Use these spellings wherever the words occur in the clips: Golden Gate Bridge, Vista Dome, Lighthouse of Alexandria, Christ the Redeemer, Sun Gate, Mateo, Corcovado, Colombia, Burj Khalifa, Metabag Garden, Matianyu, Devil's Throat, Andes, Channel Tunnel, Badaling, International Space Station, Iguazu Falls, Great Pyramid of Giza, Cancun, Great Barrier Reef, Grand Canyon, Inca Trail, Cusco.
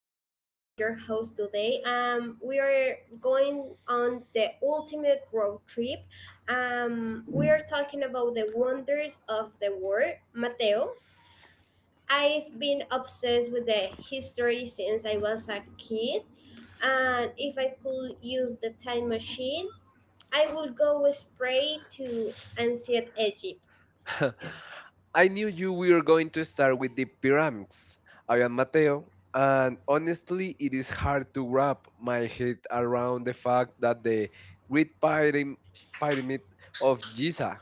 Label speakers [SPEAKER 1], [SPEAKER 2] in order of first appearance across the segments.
[SPEAKER 1] I'm Gabby. I'm your host today. We are going on the ultimate road trip. We are talking about the wonders of the world. Mateo, I've been obsessed with the history since I was a kid, and if I could use the time machine, I would go straight to ancient Egypt.
[SPEAKER 2] I knew you were going to start with the pyramids. I am Mateo, and honestly, it is hard to wrap my head around the fact that the Great Pyram- Pyramid of Giza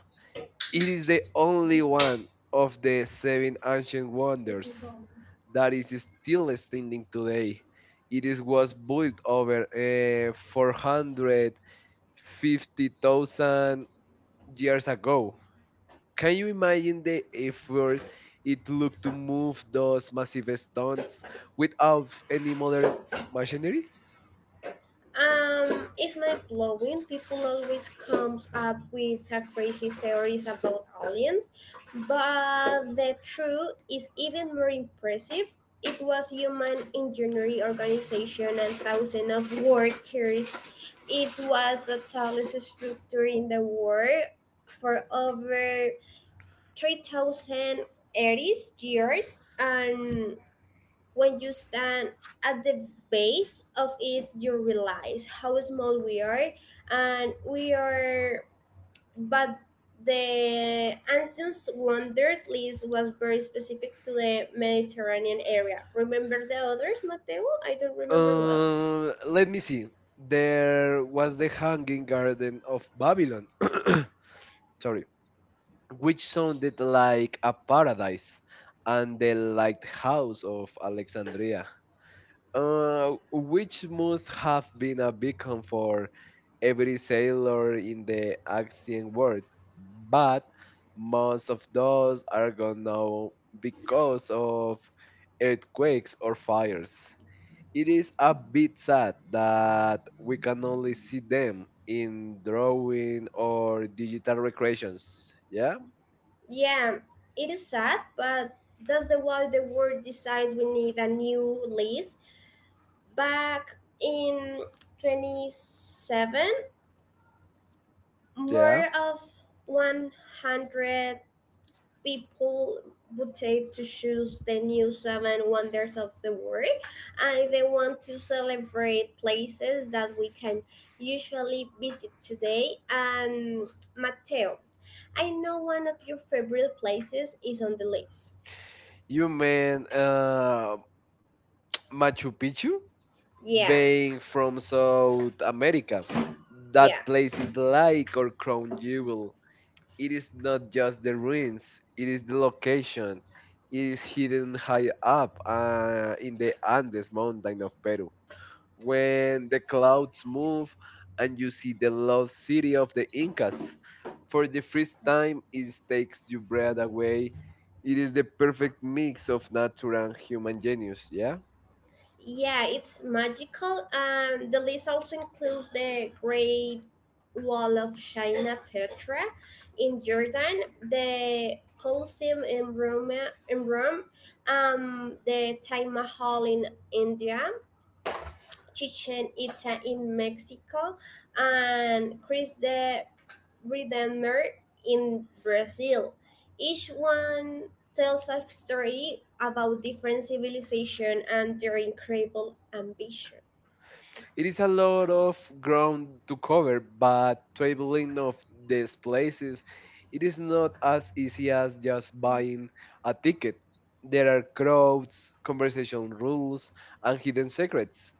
[SPEAKER 2] it is the only one of the seven ancient wonders that is still standing today. It is was built over 450,000 years ago. Can you imagine the effort it took to move those massive stones without any modern machinery?
[SPEAKER 1] It's mind blowing. People always comes up with a crazy theories about aliens, but the truth is even more impressive. It was human engineering organization and thousands of workers. It was the tallest structure in the world for over 3,080 years, and when you stand at the base of it, you realize how small we are, and we are, but the ancient wonders list was very specific to the Mediterranean area. Remember the others, Mateo? I don't remember well.
[SPEAKER 2] Let me see. There was the Hanging Garden of Babylon. Sorry. Which sounded like a paradise, and the lighthouse of Alexandria, which must have been a beacon for every sailor in the ancient world, but most of those are gone now because of earthquakes or fires. It is a bit sad that we can only see them in drawing or digital recreations. Yeah,
[SPEAKER 1] Yeah, it is sad, but that's the why the world decides we need a new list. Back in 27,
[SPEAKER 2] yeah.
[SPEAKER 1] more of 100 people would take to choose the new seven wonders of the world, and they want to celebrate places that we can usually visit today. And mateo, I know one of your favorite places is on the list.
[SPEAKER 2] You mean Machu Picchu?
[SPEAKER 1] Yeah.
[SPEAKER 2] Being from South America,
[SPEAKER 1] Yeah.
[SPEAKER 2] that place is like our crown jewel. It is not just the ruins, it is the location. It is hidden high up in the Andes mountain of Peru. When the clouds move and you see the lost city of the Incas, for the first time it takes your breath away. It is the perfect mix of nature and human genius, yeah?
[SPEAKER 1] Yeah, it's magical, and the list also includes the Great Wall of China, Petra, in Jordan, the Colosseum in Rome, the Taj Mahal in India, Chichen Itza in Mexico, and Chris the Redeemer in Brazil. Each one tells a story about different civilization and their incredible ambition.
[SPEAKER 2] It is a lot of ground to cover, but traveling of these places, it is not as easy as just buying a ticket. There are crowds, conversation rules, and hidden secrets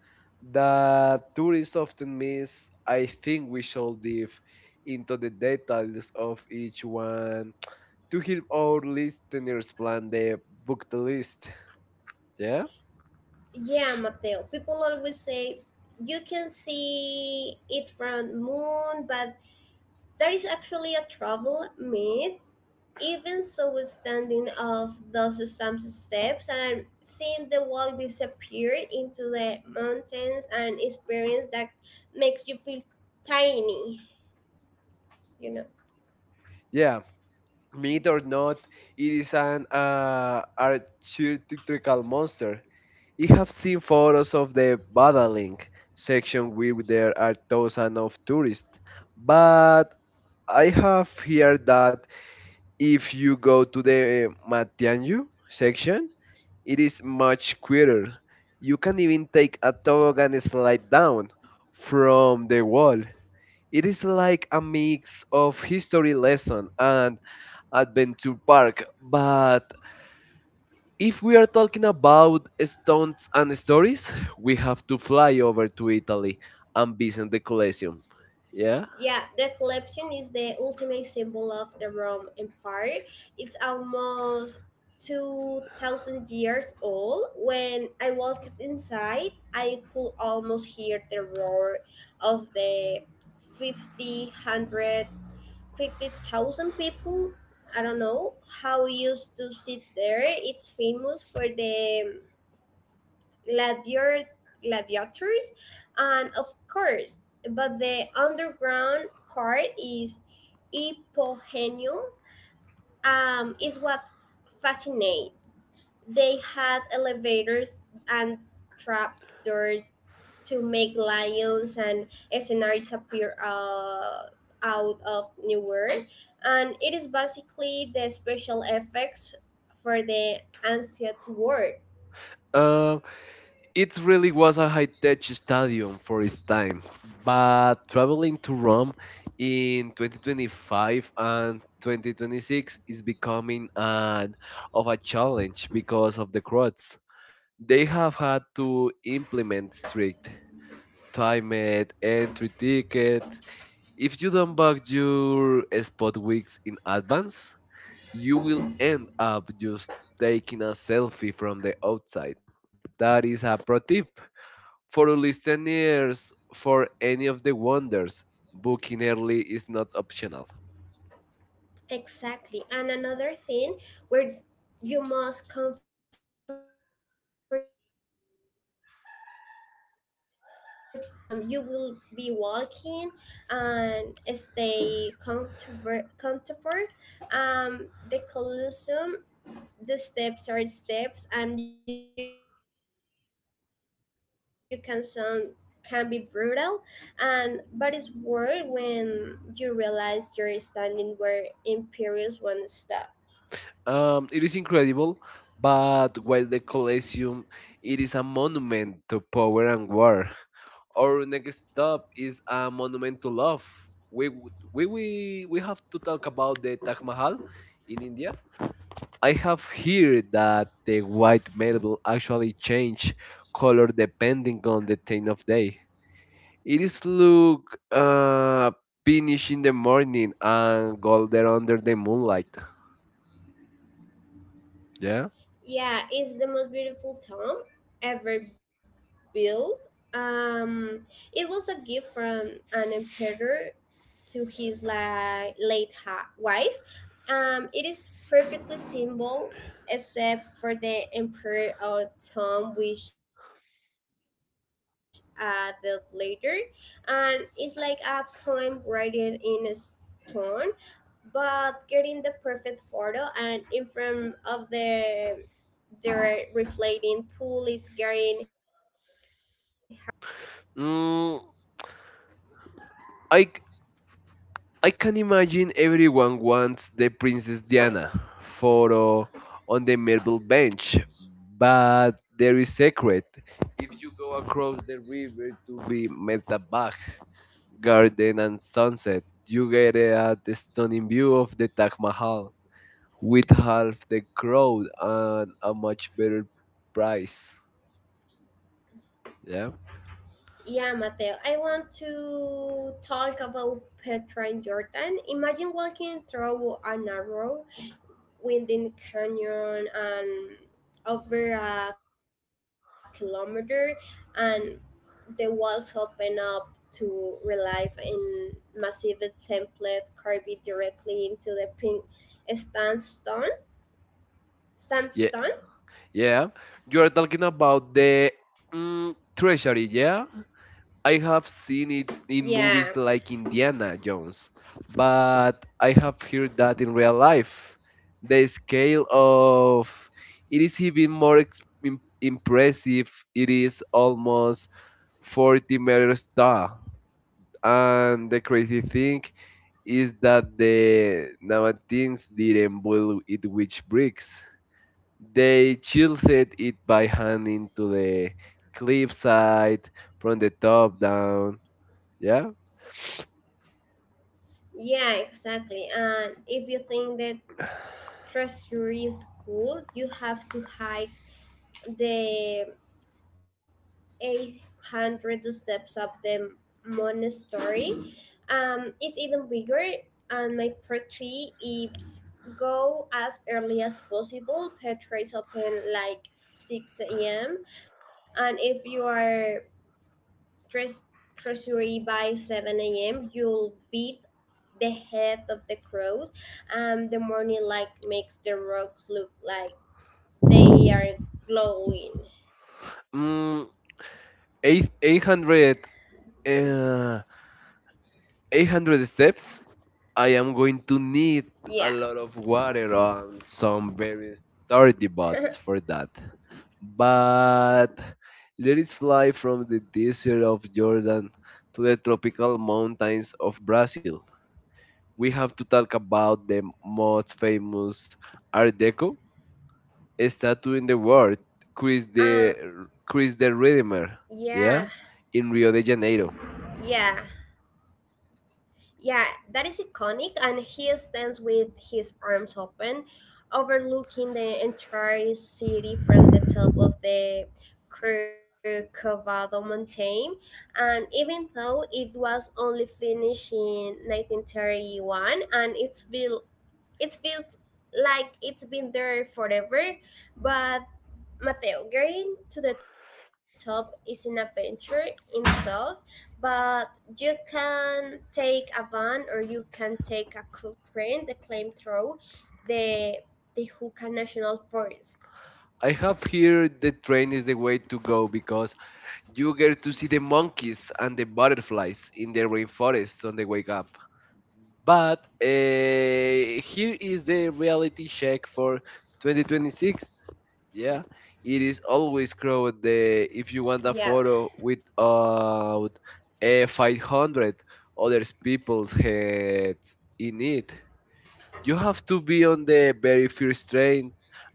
[SPEAKER 2] that tourists often miss. I think we should dive into the details of each one to help our listeners plan their book list. Yeah?
[SPEAKER 1] Yeah, Mateo. People always say you can see it from moon, but that is actually a travel myth. Even so, standing off those some steps and seeing the wall disappear into the mountains and experience that makes you feel tiny. you know.
[SPEAKER 2] Yeah. Myth or not, it is an archetypical monster. You have seen photos of the Badaling section where there are thousands of tourists, but I have heard that if you go to the Matianyu section, it is much quieter. You can even take a toboggan and slide down from the wall. It is like a mix of history lesson and adventure park. But if we are talking about stunts and stories, we have to fly over to Italy and visit the Colosseum. Yeah.
[SPEAKER 1] Yeah, the collection is the ultimate symbol of the Rome Empire. It's almost 2000 years old. When I walked inside, I could almost hear the roar of the 50, 100, 50,000 people. I don't know how we used to sit there. It's famous for the gladiator, gladiators, and of course, but the underground part is Ipohenium, is what fascinates. They had elevators and trapdoors to make lions and scenarios appear out of nowhere, and it is basically the special effects for the ancient world.
[SPEAKER 2] Uh, it really was a high-tech stadium for its time, but traveling to Rome in 2025 and 2026 is becoming an of a challenge because of the crowds. They have had to implement strict time it, entry ticket. If you don't book your spot weeks in advance, you will end up just taking a selfie from the outside. That is a pro tip for listeners for any of the wonders. Booking early is not optional.
[SPEAKER 1] Exactly. And another thing where you must comfortable shoes, just like at the theme parks. You will be walking and stay comfortable. Comfort. The Colosseum, the steps are steps, and you can sound can be brutal and but it's worth when you realize you're standing where imperials once stopped.
[SPEAKER 2] It is incredible, but while the Colosseum, it is a monument to power and war. Our next stop is a monument to love. We we have to talk about the Taj Mahal in India. I have heard that the white marble actually change color depending on the time of day. It is look pinkish in the morning and golden under the moonlight.
[SPEAKER 1] Yeah,
[SPEAKER 2] Yeah.
[SPEAKER 1] it's the most beautiful tomb ever built. Um, it was a gift from an emperor to his late wife. It is perfectly simple, except for the emperor or tomb, which I built later. And it's like a poem written in a stone, but getting the perfect photo and in front of the they're reflating pool is getting harder with all the Instagram crowds.
[SPEAKER 2] Mm, I I can imagine everyone wants the Princess Diana photo on the marble bench, but there is secret. If you go across the river to the Metabag Garden and sunset, you get a stunning view of the Taj Mahal with half the crowd and a much better price. Yeah,
[SPEAKER 1] Yeah, Mateo, I want to talk about Petra in Jordan. Imagine walking through a narrow, winding canyon and over a kilometer, and the walls open up to relief in massive template carved directly into the pink sandstone.
[SPEAKER 2] yeah,
[SPEAKER 1] sandstone.
[SPEAKER 2] yeah. You are talking about the treasury, yeah? I have seen it in
[SPEAKER 1] Yeah,
[SPEAKER 2] movies like Indiana Jones, but I have heard that in real life, the scale of it is even more impressive. It is almost 40 meters tall. And the crazy thing is that the Nabateans didn't build it with bricks. They chiseled it by hand into the cliffside from the top down. Yeah.
[SPEAKER 1] yeah, exactly. And if you think that treasury is cool, you have to hike the 800 steps of the monastery. It's even bigger, and my tree is go as early as possible. Petra open like 6 a.m. And if you are dressed treasury by 7 a.m., you'll be the head of the crows, and the morning light makes the rocks look like they are glowing.
[SPEAKER 2] Mm, eight, 800, uh, 800 steps. I am going to need
[SPEAKER 1] Yeah.
[SPEAKER 2] a lot of water and some very sturdy bots for that. But let us fly from the desert of Jordan to the tropical mountains of Brazil. We have to talk about the most famous Art Deco statue in the world, Chris
[SPEAKER 1] um
[SPEAKER 2] the Chris the
[SPEAKER 1] yeah,
[SPEAKER 2] Redeemer. Yeah, in Rio de Janeiro.
[SPEAKER 1] yeah, yeah, that is iconic, and he stands with his arms open overlooking the entire city from the top of the Corcovado Mountain. And even though it was only finished in 1931 and it's built, it feels like it's been there forever. But Mateo, getting to the top is an adventure in itself, but you can take a van or you can take a cool train, the claim through the the Hookah National Forest.
[SPEAKER 2] I have here the train is the way to go because you get to see the monkeys and the butterflies in the rainforest on the wake up. But here is the reality check for 2026. Yeah, it is always crowded. The
[SPEAKER 1] Yeah,
[SPEAKER 2] if you want a photo without 500 other people's heads in it you have to be on the very first train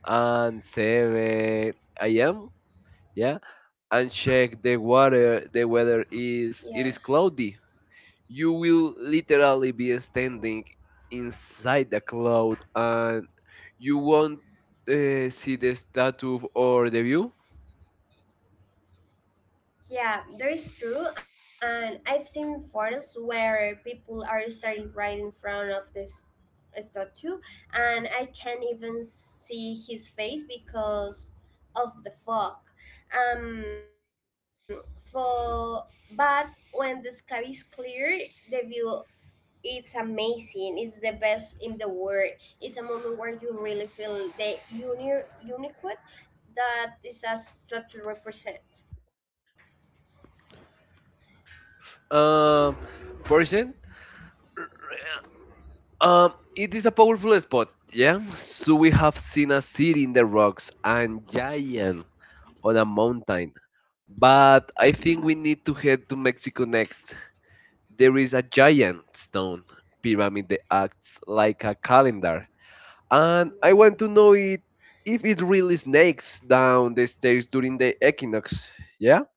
[SPEAKER 2] and 7 a.m. Yeah, and check the water. The weather
[SPEAKER 1] yeah.
[SPEAKER 2] is it is cloudy. You will literally be standing inside the cloud, and you won't see the statue or the view.
[SPEAKER 1] Yeah, that is true. And I've seen photos where people are standing right in front of this statue, and I can't even see his face because of the fog. For but when the sky is clear, the view it's amazing. It's the best in the world. It's a moment where you really feel the uniqueness that this statue represents.
[SPEAKER 2] Um, person, it is a powerful spot. Yeah, so we have seen a city in the rocks and giant on a mountain. But I think we need to head to Mexico next. There is a giant stone pyramid that acts like a calendar, and I want to know it if it really snakes down the stairs during the equinox. Yeah?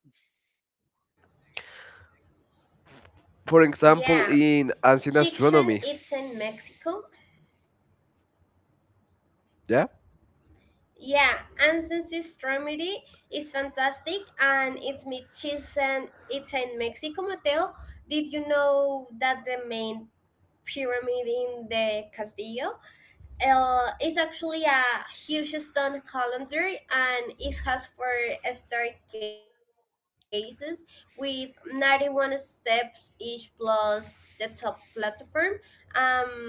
[SPEAKER 1] Yeah,
[SPEAKER 2] For
[SPEAKER 1] Chichen
[SPEAKER 2] example,
[SPEAKER 1] it's
[SPEAKER 2] in
[SPEAKER 1] in
[SPEAKER 2] ancient
[SPEAKER 1] Mexico.
[SPEAKER 2] astronomy. Yeah?
[SPEAKER 1] Yeah, Ansel's remedy is fantastic, and it's with cheese, and it's in Mexico, Mateo. Did you know that the main pyramid in the Castillo is actually a huge stone calendar, and it has four staircases with 91 steps each plus the top platform. Yeah.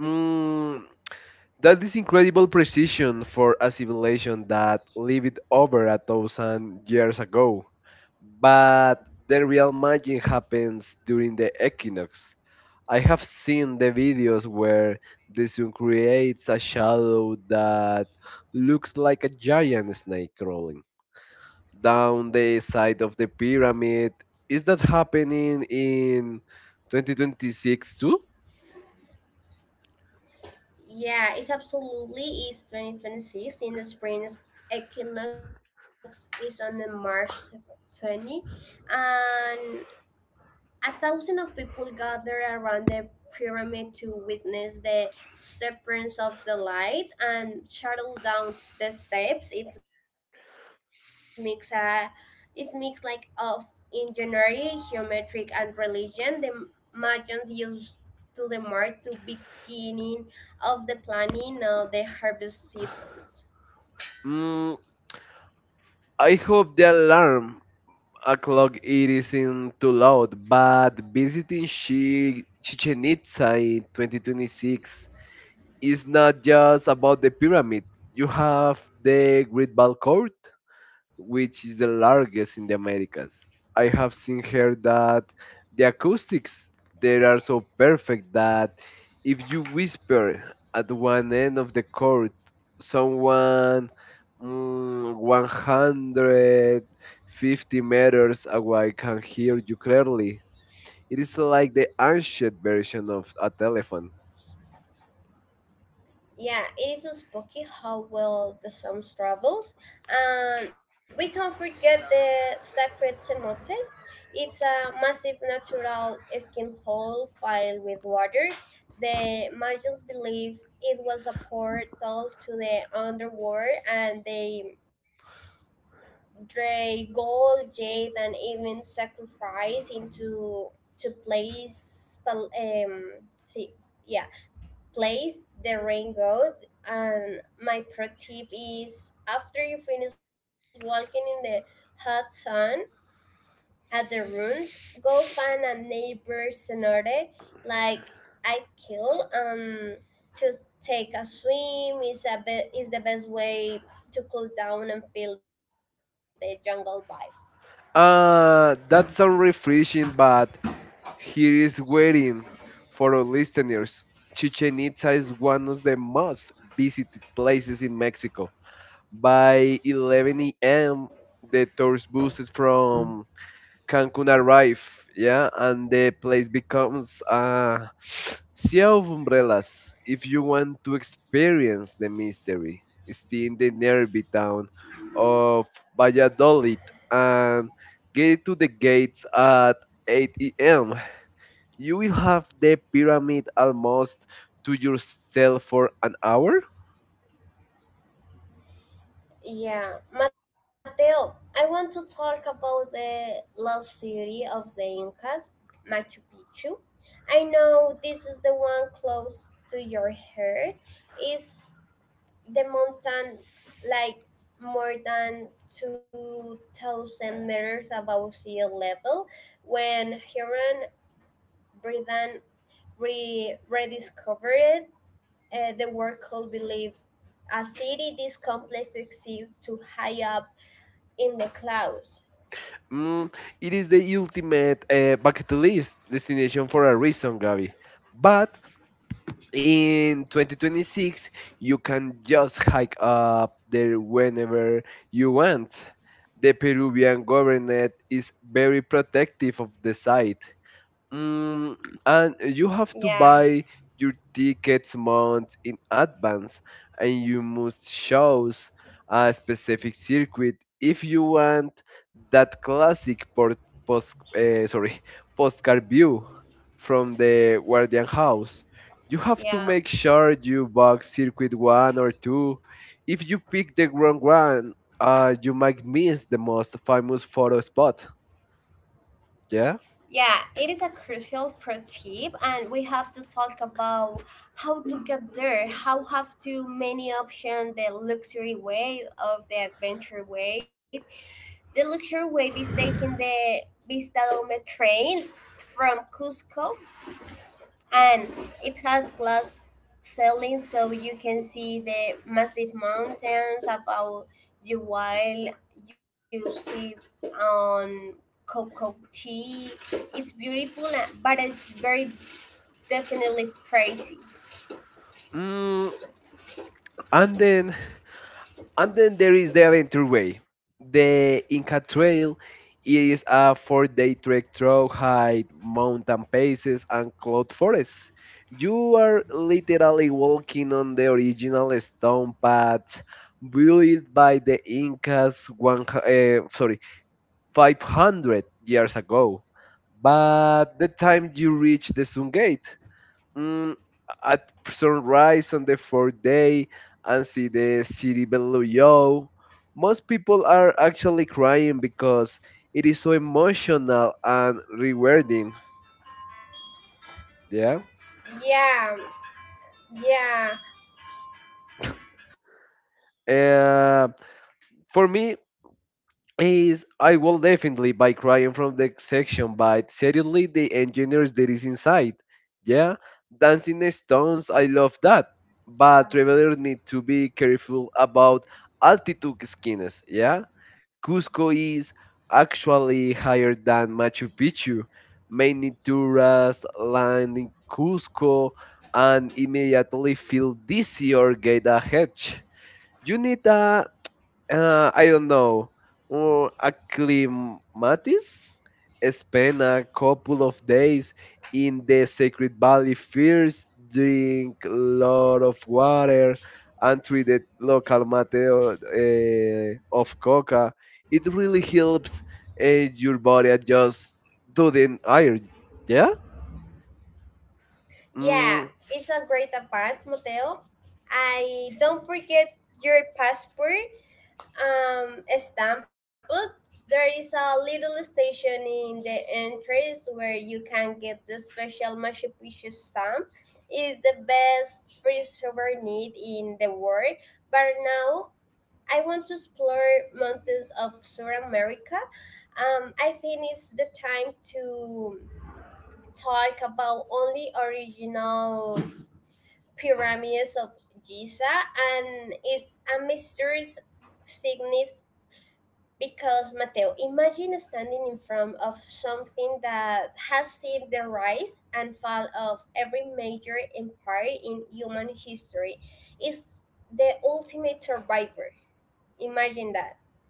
[SPEAKER 2] Mm, that is incredible precision for a civilization that lived over a thousand years ago. But the real magic happens during the equinox. I have seen the videos where the sun creates a shadow that looks like a giant snake crawling down the side of the pyramid. Is that happening in 2026 too?
[SPEAKER 1] Yeah, it's absolutely is 2026 in the spring equinox is on the March 20, and a thousand of people gathered around the pyramid to witness the severance of the light and shuttle down the steps. It makes like of engineering, geometric and religion. The Mayans used to the mark to beginning of the planning of the harvest seasons.
[SPEAKER 2] Mm, I hope the alarm clock it isn't too loud, but visiting Chichen Itza in 2026 is not just about the pyramid. You have the Great Ball Court, which is the largest in the Americas. I have seen here that the acoustics there are so perfect that if you whisper at one end of the court, someone 150 meters away can hear you clearly. It is like the ancient version of a telephone.
[SPEAKER 1] Yeah, it is so spooky how well the song travels. And we can forget the sacred cenote. It's a massive natural skin hole filled with water. The Mayans believe it was a portal to the underworld, and they dray gold, jade, and even sacrifice into to place. See, yeah, place the raincoat, and my pro tip is after you finish walking in the hot sun at the ruins go find a neighbor cenote like I kill to take a swim is a bit is the best way to cool down and feel the jungle vibes.
[SPEAKER 2] That sounds refreshing, but here is waiting for our listeners. Chichen Itza is one of the most visited places in Mexico. By 11 a.m., the tourist buses from Cancun arrive, yeah, and the place becomes a sea of umbrellas. If you want to experience the mystery, stay in the nearby town of Valladolid and get to the gates at 8 a.m. You will have the pyramid almost to yourself for an hour.
[SPEAKER 1] Yeah, Mateo, I want to talk about the lost city of the Incas, Machu Picchu. I know this is the one close to your heart. Is the mountain like more than 2,000 meters above sea level when Huron Britain rediscovered the world could believe a city this complex exists too high up in the clouds.
[SPEAKER 2] Mm, it is the ultimate bucket list destination for a reason, Gabi. But in 2026, you can just hike up there whenever you want. The Peruvian government is very protective of the site. Mm, and you have to
[SPEAKER 1] Yeah,
[SPEAKER 2] buy your tickets months in advance, and you must choose a specific circuit if you want that classic port, post, eh, sorry, postcard view from the Guardian House.
[SPEAKER 1] yeah,
[SPEAKER 2] You have to make sure you book circuit one or two. If you pick the wrong one, you might miss the most famous photo spot. Yeah.
[SPEAKER 1] yeah. It is a crucial pro tip, and we have to talk about how to get there. How have too many options: the luxury wave of the adventure wave. The luxury wave is taking the Vista Dome train from Cusco and it has glass ceiling so you can see the massive mountains above you while you see on cocoa tea it's beautiful and- but it's very definitely pricey
[SPEAKER 2] Mm, and then And then there is the Adventure Way. The Inca Trail is a 4 day trek through high mountain passes and cloud forests. You are literally walking on the original stone path built by the Incas uh, sorry, 500 years ago. But the time you reach the Sun Gate, mm, at sunrise on the fourth day and see the city below you. Most people are actually crying because it is so emotional and rewarding. Yeah.
[SPEAKER 1] Yeah, yeah,
[SPEAKER 2] Uh, for me, is I will definitely buy crying from the section, but seriously, the engineers that is inside. Yeah. Dancing stones, I love that. But travelers need to be careful about altitude skins. Yeah. Cusco is actually higher than Machu Picchu. Many tourists land in Cusco and immediately feel dizzy or get a headache. You need a I don't know, or acclimatis, spend a couple of days in the sacred valley first, drink a lot of water, and treat the local mate of coca. It really helps your body adjust to the iron. Yeah?
[SPEAKER 1] yeah.
[SPEAKER 2] Mm,
[SPEAKER 1] It's a great advance, Mateo. I don't forget your passport. Example, there is a little station in the entrance where you can get the special Machu Picchu stamp. It's the best free souvenir in the world. But now I want to explore mountains of South America. I think it's the time to talk about only original pyramids of Giza and its a mysterious significance because Mateo, imagine standing in front of something that has seen the rise and fall of every major empire in human history. Is the ultimate survivor. Imagine that.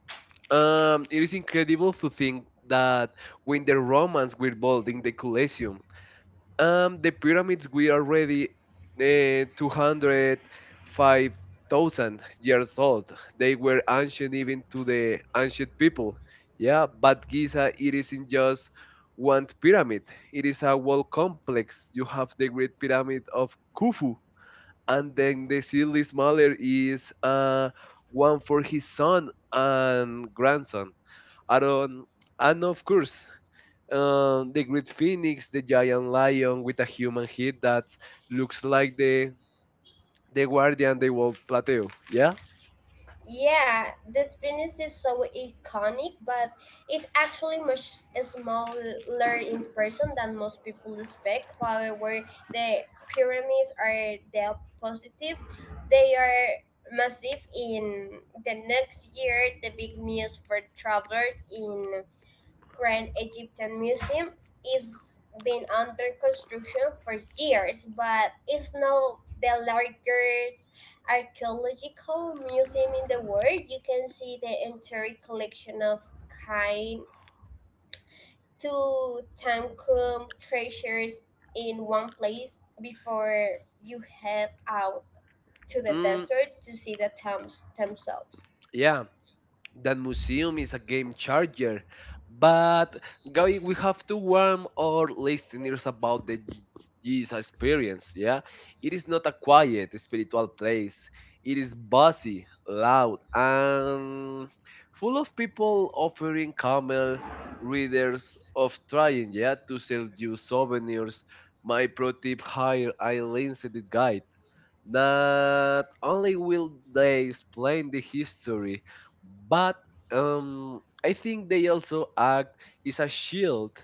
[SPEAKER 2] it is incredible to think that when the Romans were building the Colosseum, the pyramids were already 205,000 years old. They were ancient even to the ancient people. Yeah, but Giza, it isn't just one pyramid. It is a whole complex. You have the Great Pyramid of Khufu, and then the silly smaller is one for his son and grandson, Aaron, and of course the great phoenix, the giant lion with a human head that looks like the guardian they will plateau. Yeah,
[SPEAKER 1] Yeah, the Venice is so iconic, but it's actually much smaller in person than most people expect. However, the pyramids are the positive. They are massive in the next year. The big news for travelers in Grand Egyptian Museum is been under construction for years, but it's now the largest archaeological museum in the world. You can see the entire collection of kind to Tutankhamun treasures in one place before you head out to the
[SPEAKER 2] mm,
[SPEAKER 1] desert to see the tombs themselves.
[SPEAKER 2] yeah. That museum is a game changer. But Gabi, we have to warn our listeners about the Jesus experience, yeah? It is not a quiet spiritual place. It is busy, loud, and full of people offering camel readers of trying, yeah, to sell you souvenirs. My pro tip: hire a licensed guide. Not only will they explain the history, but I think they also act as a shield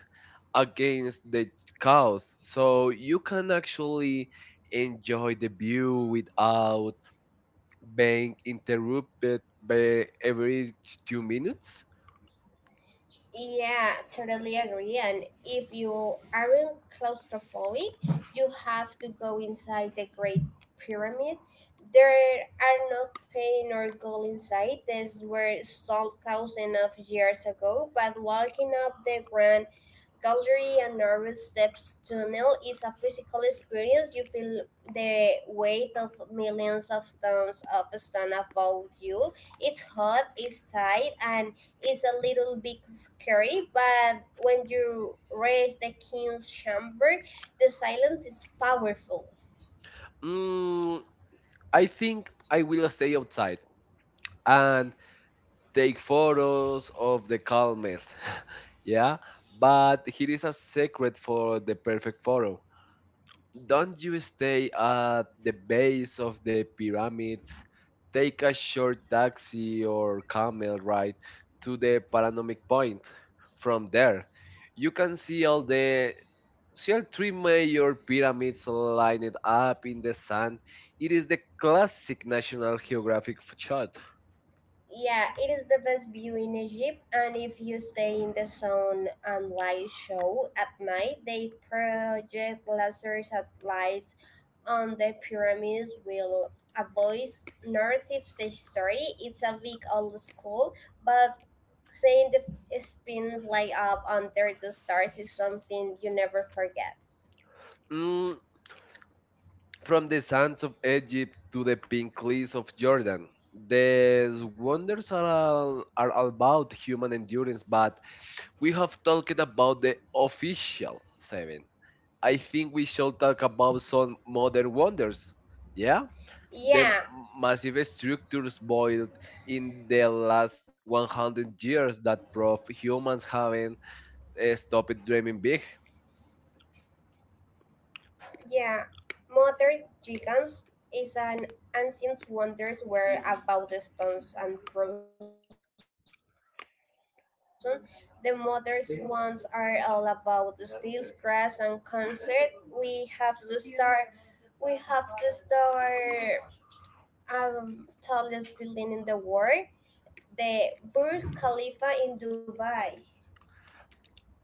[SPEAKER 2] against the chaos, so you can actually enjoy the view without being interrupted by every 2 minutes.
[SPEAKER 1] Yeah, totally agree. And if you aren't claustrophobic, you have to go inside the Great Pyramid. There are no pain or gold inside. This were sold thousands of years ago, but walking up the Grand Gallery and nervous steps tunnel is a physical experience. You feel the weight of millions of tons of stone above you. It's hot, it's tight, and it's a little bit scary. But when you reach the king's chamber, the silence is powerful.
[SPEAKER 2] Mm, I think I will stay outside and take photos of the calmers. Yeah, but here is a secret for the perfect photo. Don't you stay at the base of the pyramid, take a short taxi or camel ride to the panoramic point. From there, you can see all the see all three major pyramids lined up in the sand. It is the classic National Geographic shot.
[SPEAKER 1] Yeah, it is the best view in Egypt, and if you stay in the sun and light show at night, they project lasers at lights on the pyramids will avoid narrative the story. It's a big old school, but seeing the spins light up under the stars is something you never forget.
[SPEAKER 2] Mm, from the sands of Egypt to the pink cliffs of Jordan, these wonders are all about human endurance, but we have talked about the official seven. I think we should talk about some modern wonders. Yeah, the m-
[SPEAKER 1] Yeah,
[SPEAKER 2] massive structures built in the last 100 years that prove humans haven't stopped dreaming big.
[SPEAKER 1] yeah. Modern Gigants is an ancient wonders were about the stones and frozen. The modern ones are all about the steels, grass, and concert. We have to start tallest building in the world, the Burj Khalifa in Dubai.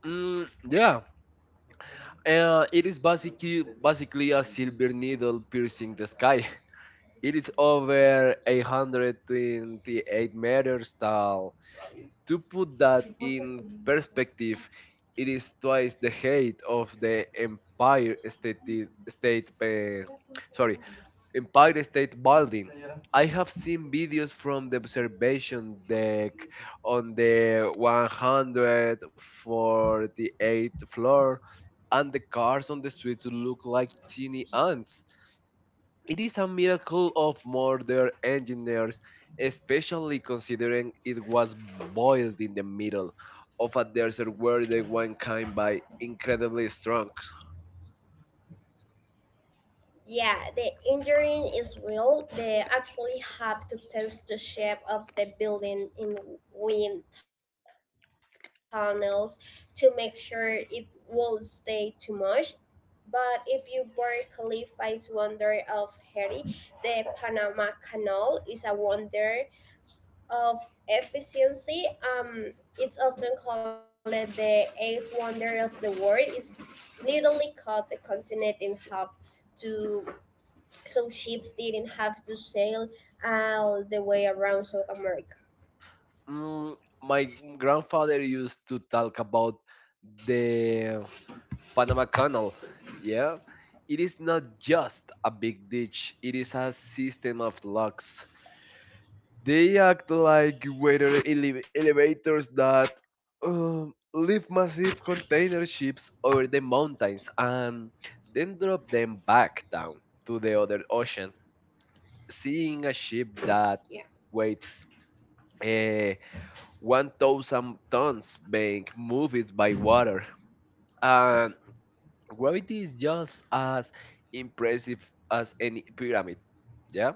[SPEAKER 2] Mm, yeah. It is basically a silver needle piercing the sky. It is over 828 meters tall. To put that in perspective, it is twice the height of the State uh, sorry Empire State Building. I have seen videos from the observation deck on the 148th floor, and the cars on the streets look like teeny ants. It is a miracle of modern engineers, especially considering it was boiled in the middle of a desert where the wine came by incredibly strong.
[SPEAKER 1] Yeah, the engineering is real. They actually have to test the shape of the building in wind tunnels to make sure it won't stay too much. But if you Burj Khalifa's wonder of Haiti, the Panama Canal is a wonder of efficiency. It's often called the eighth wonder of the world. It's literally cut the continent in half. To some ships didn't have to sail all the way around South America.
[SPEAKER 2] Mm, my grandfather used to talk about the Panama Canal. Yeah, it is not just a big ditch, it is a system of locks. They act like elevators that lift massive container ships over the mountains and then drop them back down to the other ocean. Seeing a
[SPEAKER 1] Yeah,
[SPEAKER 2] ship that waits eh, 1,000 tons being moved by water and gravity is just as impressive as any pyramid. Yeah.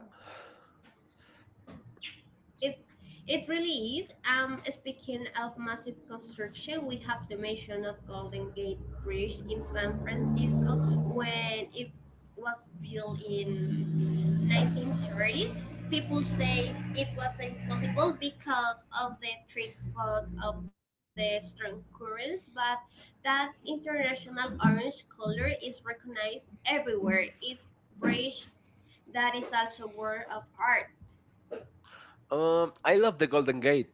[SPEAKER 1] it it really is. Speaking of massive construction, we have the mention of Golden Gate Bridge in San Francisco when it was built in 1930s. People say it was impossible because of the trick fault of the strong currents, but that international orange color is recognized everywhere. It's bridge that is also a work of art.
[SPEAKER 2] I love the Golden Gate,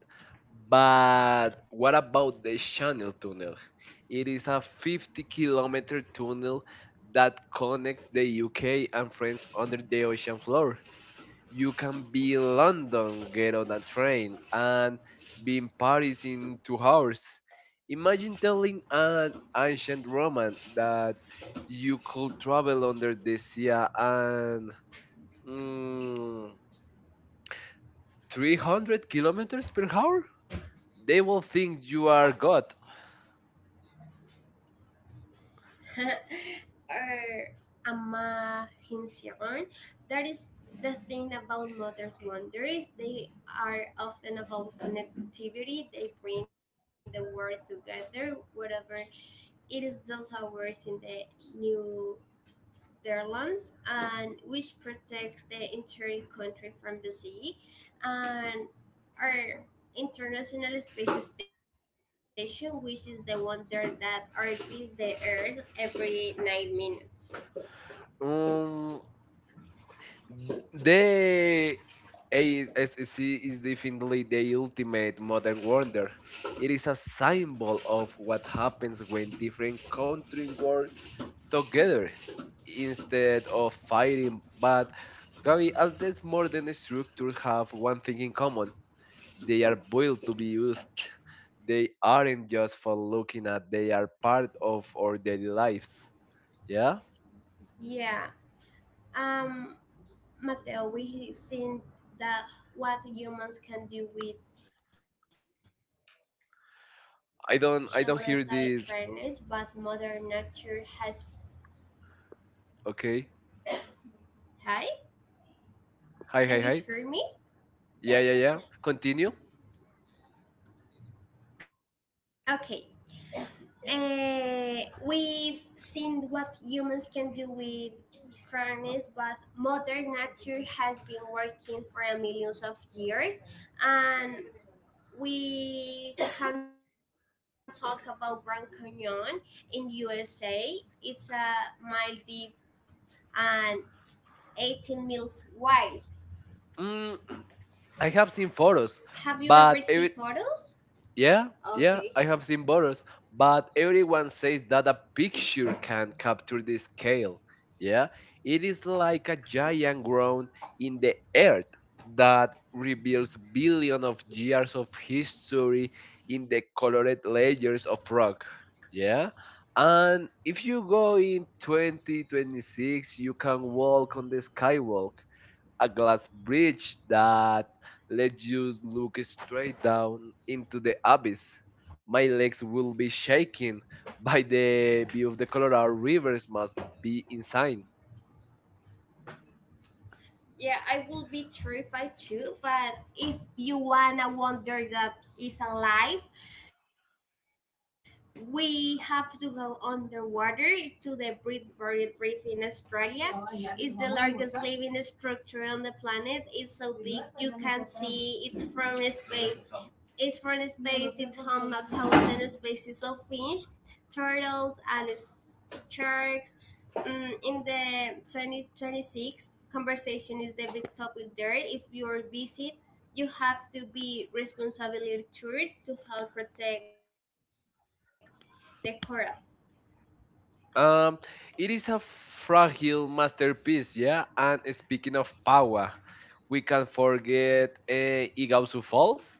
[SPEAKER 2] but what about the Channel Tunnel? It is a 50-kilometer tunnel that connects the UK and France under the ocean floor. You can be in London, get on a train, and be in Paris in 2 hours. Imagine telling an ancient Roman that you could travel under the sea and mm, 300 kilometers per hour. They will think you are God.
[SPEAKER 1] Or imagination. That is the thing about modern wonders. They are often about connectivity. They bring the world together, whatever it is. Delta towers in the New Netherlands, and which protects the entire country from the sea, and our International Space Station, which is the one there that orbits the Earth every 9 minutes.
[SPEAKER 2] Um, The ASSC is definitely the ultimate modern wonder. It is a symbol of what happens when different countries work together instead of fighting. But Gabi, all these modern structures have one thing in common: they are built to be used. They aren't just for looking at, they are part of our daily lives. Yeah?
[SPEAKER 1] Yeah. Um, Mateo, we've seen that what humans can do with
[SPEAKER 2] I don't
[SPEAKER 1] colossal
[SPEAKER 2] I don't hear
[SPEAKER 1] craters,
[SPEAKER 2] this,
[SPEAKER 1] but Mother Nature has.
[SPEAKER 2] okay.
[SPEAKER 1] Hi,
[SPEAKER 2] Hi,
[SPEAKER 1] can
[SPEAKER 2] hi,
[SPEAKER 1] you
[SPEAKER 2] hi.
[SPEAKER 1] hear me?
[SPEAKER 2] Yeah, yeah, yeah. Continue.
[SPEAKER 1] Okay. We've seen what humans can do with harness, but Mother Nature has been working for millions of years, and we can talk about Grand Canyon in USA. It's a mile deep and 18 miles wide.
[SPEAKER 2] Mm, I have seen photos,
[SPEAKER 1] Have you
[SPEAKER 2] but
[SPEAKER 1] ever
[SPEAKER 2] every
[SPEAKER 1] seen photos?
[SPEAKER 2] yeah, yeah, I
[SPEAKER 1] Okay.
[SPEAKER 2] have seen photos, but everyone says that a picture can capture the scale. Yeah, it is like a giant ground in the earth that reveals billion of years of history in the colored layers of rock. Yeah. And if you go in 2026, you can walk on the skywalk, a glass bridge that lets you look straight down into the abyss. My legs will be shaking by the view of the Colorado rivers must be insane.
[SPEAKER 1] Yeah, I will be terrified too, but if you wanna wonder that is alive, we have to go underwater to the Great Barrier Reef in Australia. It's the largest living structure on the planet. It's so big you can see it from space. It's from space. It home 1,000 species of fish, turtles, and sharks. Mm, in the 2026, conversation is the big topic there. If you're visit, you have to be responsibility tourist to help protect Decorah,
[SPEAKER 2] Um, it is a fragile masterpiece, yeah. And speaking of power, we can forget Iguazu Falls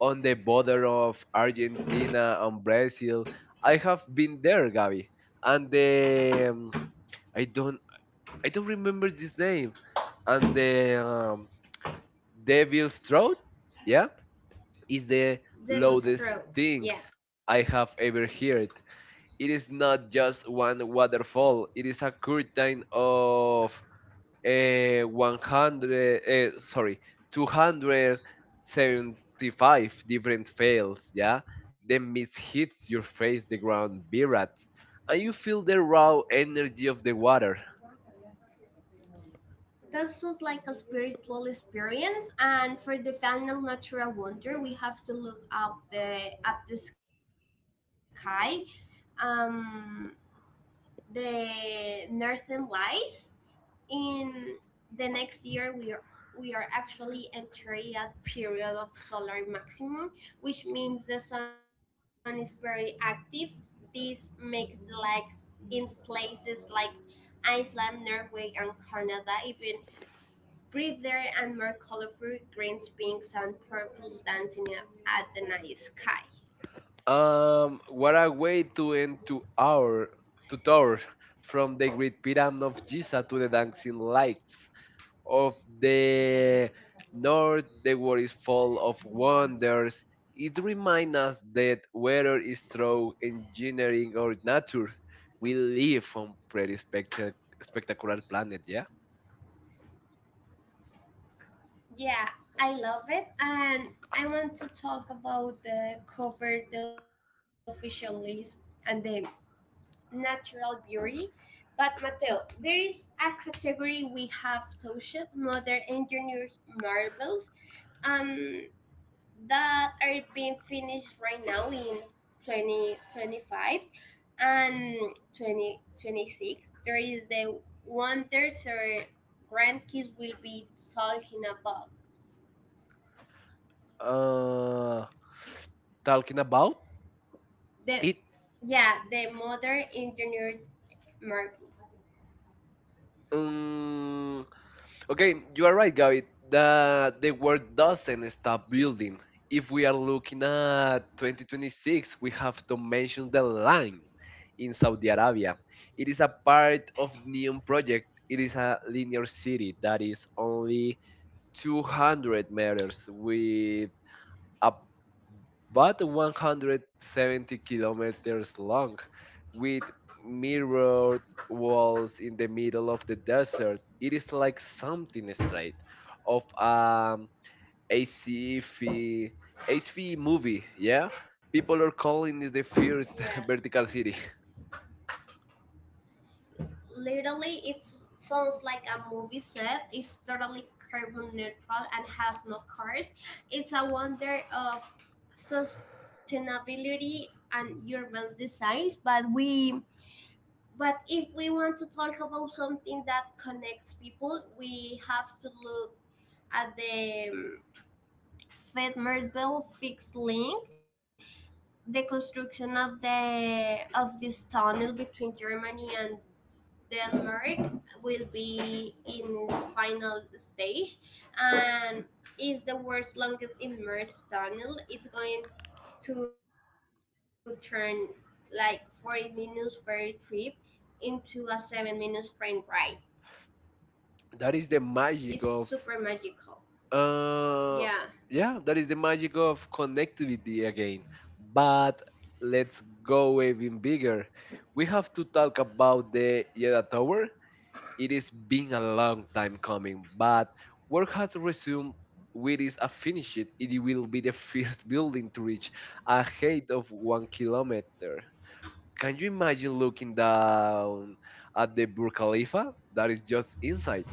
[SPEAKER 2] on the border of Argentina and Brazil. I have been there, Gabi, and the I don't I don't remember this name. And the Devil's Throat, yeah, is the
[SPEAKER 1] Devil's
[SPEAKER 2] loudest
[SPEAKER 1] Throat. Yeah,
[SPEAKER 2] things I have ever heard. It is not just one waterfall. It is a curtain of uh, 100, uh, sorry, 275 different fails, yeah? The mist hits your face, the ground vibrates, and you feel the raw energy of the water.
[SPEAKER 1] that sounds like a spiritual experience. And for the final natural wonder, we have to look up the sky, um, the northern lights. In the next year, we are actually entering a period of solar maximum, which means the sun is very active. This makes the lakes in places like Iceland, Norway, and Canada even prettier and more colorful. Greens, pinks, and purples dancing at the night sky.
[SPEAKER 2] What a way to end to our to tour from the Great Pyramid of Giza to the dancing lights of the north. The world is full of wonders. It reminds us that whether it's through engineering or nature, we live on pretty spectacular planet. Yeah.
[SPEAKER 1] Yeah, I love it. And I want to talk about the cover the official list and the natural beauty. But Mateo, there is a category we have touched, modern engineers marvels, um, that are being finished right now in 2025 and 2026. There is the wonders or grandkids will be talking about.
[SPEAKER 2] Uh, talking about
[SPEAKER 1] The
[SPEAKER 2] it.
[SPEAKER 1] yeah, the modern engineers marvels.
[SPEAKER 2] Um, Okay, you are right, Gaby. That the world doesn't stop building. If we are looking at 2026, we have to mention the line in Saudi Arabia. It is a part of Neon project. It is a linear city that is only 200 meters with a but 170 kilometers long, with mirrored walls in the middle of the desert. It is like something straight of um ACV ACV movie, yeah? People are calling this the first
[SPEAKER 1] Yeah.
[SPEAKER 2] vertical city.
[SPEAKER 1] Literally, it sounds like a movie set. It's totally carbon neutral and has no cars. It's a wonder of sustainability and urban designs. But if we want to talk about something that connects people, we have to look at the Fed Merville fixed link. The construction of the of this tunnel between Germany and Denmark will be in its final stage, and is the world's longest immersed tunnel. It's going to turn like 40 minutes ferry trip into a 7 minutes train ride.
[SPEAKER 2] That is the
[SPEAKER 1] It's
[SPEAKER 2] magic
[SPEAKER 1] super
[SPEAKER 2] of.
[SPEAKER 1] magical. Yeah.
[SPEAKER 2] Uh, yeah, that is the magic of connectivity again. But let's go even bigger. We have to talk about the Yeda Tower. It is been a long time coming, but work has resumed with its a finish it. It will be the first building to reach a height of 1 kilometer. Can you imagine looking down at the Burj Khalifa? That is just inside.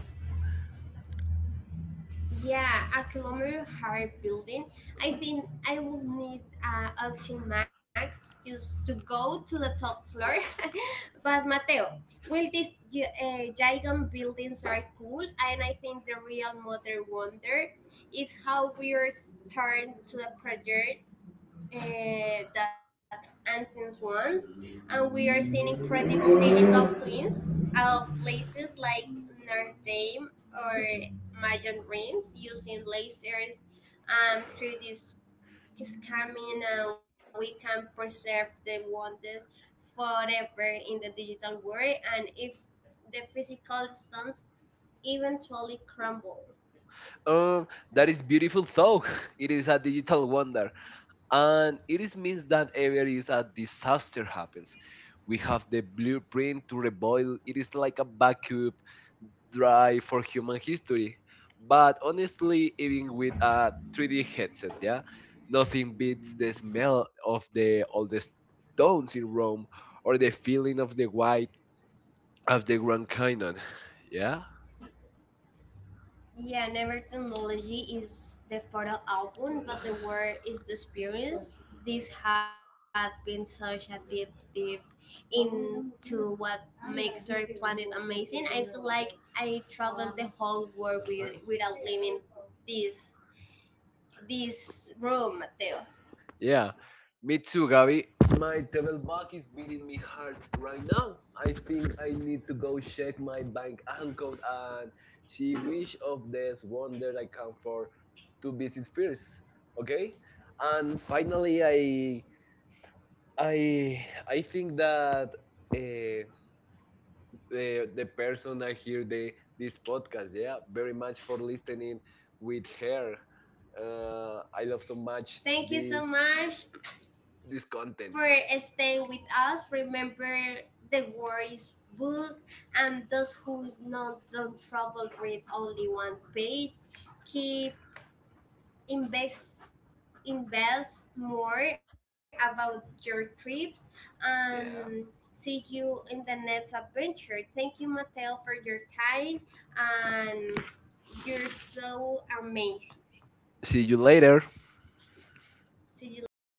[SPEAKER 1] Yeah, a kilometer high building. I think I will need Auction Max just to go to the top floor. But Mateo, will these giant buildings are cool, and I think the real mother wonder is how we are starting to the project that ancient ones, and we are seeing incredible digital twins of places like Notre Dame or Mayan Dreams using lasers and 3D scanning, and we can preserve the wonders forever in the digital world. And if the physical stones eventually crumble.
[SPEAKER 2] Um, that is beautiful though. It is a digital wonder, and it is means that ever is a disaster happens. We have the blueprint to rebuild. It is like a backup drive for human history. But honestly, even with a 3D headset, yeah, nothing beats the smell of the oldest stones in Rome or the feeling of the white of the Grand Canyon. Yeah.
[SPEAKER 1] Yeah, never technology is the photo album, but the word is the experience. This had been such a deep dive into what makes our planet amazing. I feel like I traveled the whole world with, without leaving this this room, Mateo.
[SPEAKER 2] Yeah, me too, Gabby. My table bug is beating me hard right now. I think I need to go check my bank account and she wish of this wonder I come for to visit first. Okay, and finally, I think that uh, the person that hear the this podcast, yeah, very much for listening with her. I love so much
[SPEAKER 1] Thank you so much
[SPEAKER 2] this
[SPEAKER 1] for
[SPEAKER 2] content.
[SPEAKER 1] staying with us. Remember the war is book and those who not don't travel read only one page. Keep invest invest more about your trips and
[SPEAKER 2] Yeah.
[SPEAKER 1] see you in the next adventure. Thank you Mateo for your time and you're so amazing.
[SPEAKER 2] See you later.
[SPEAKER 1] See you later.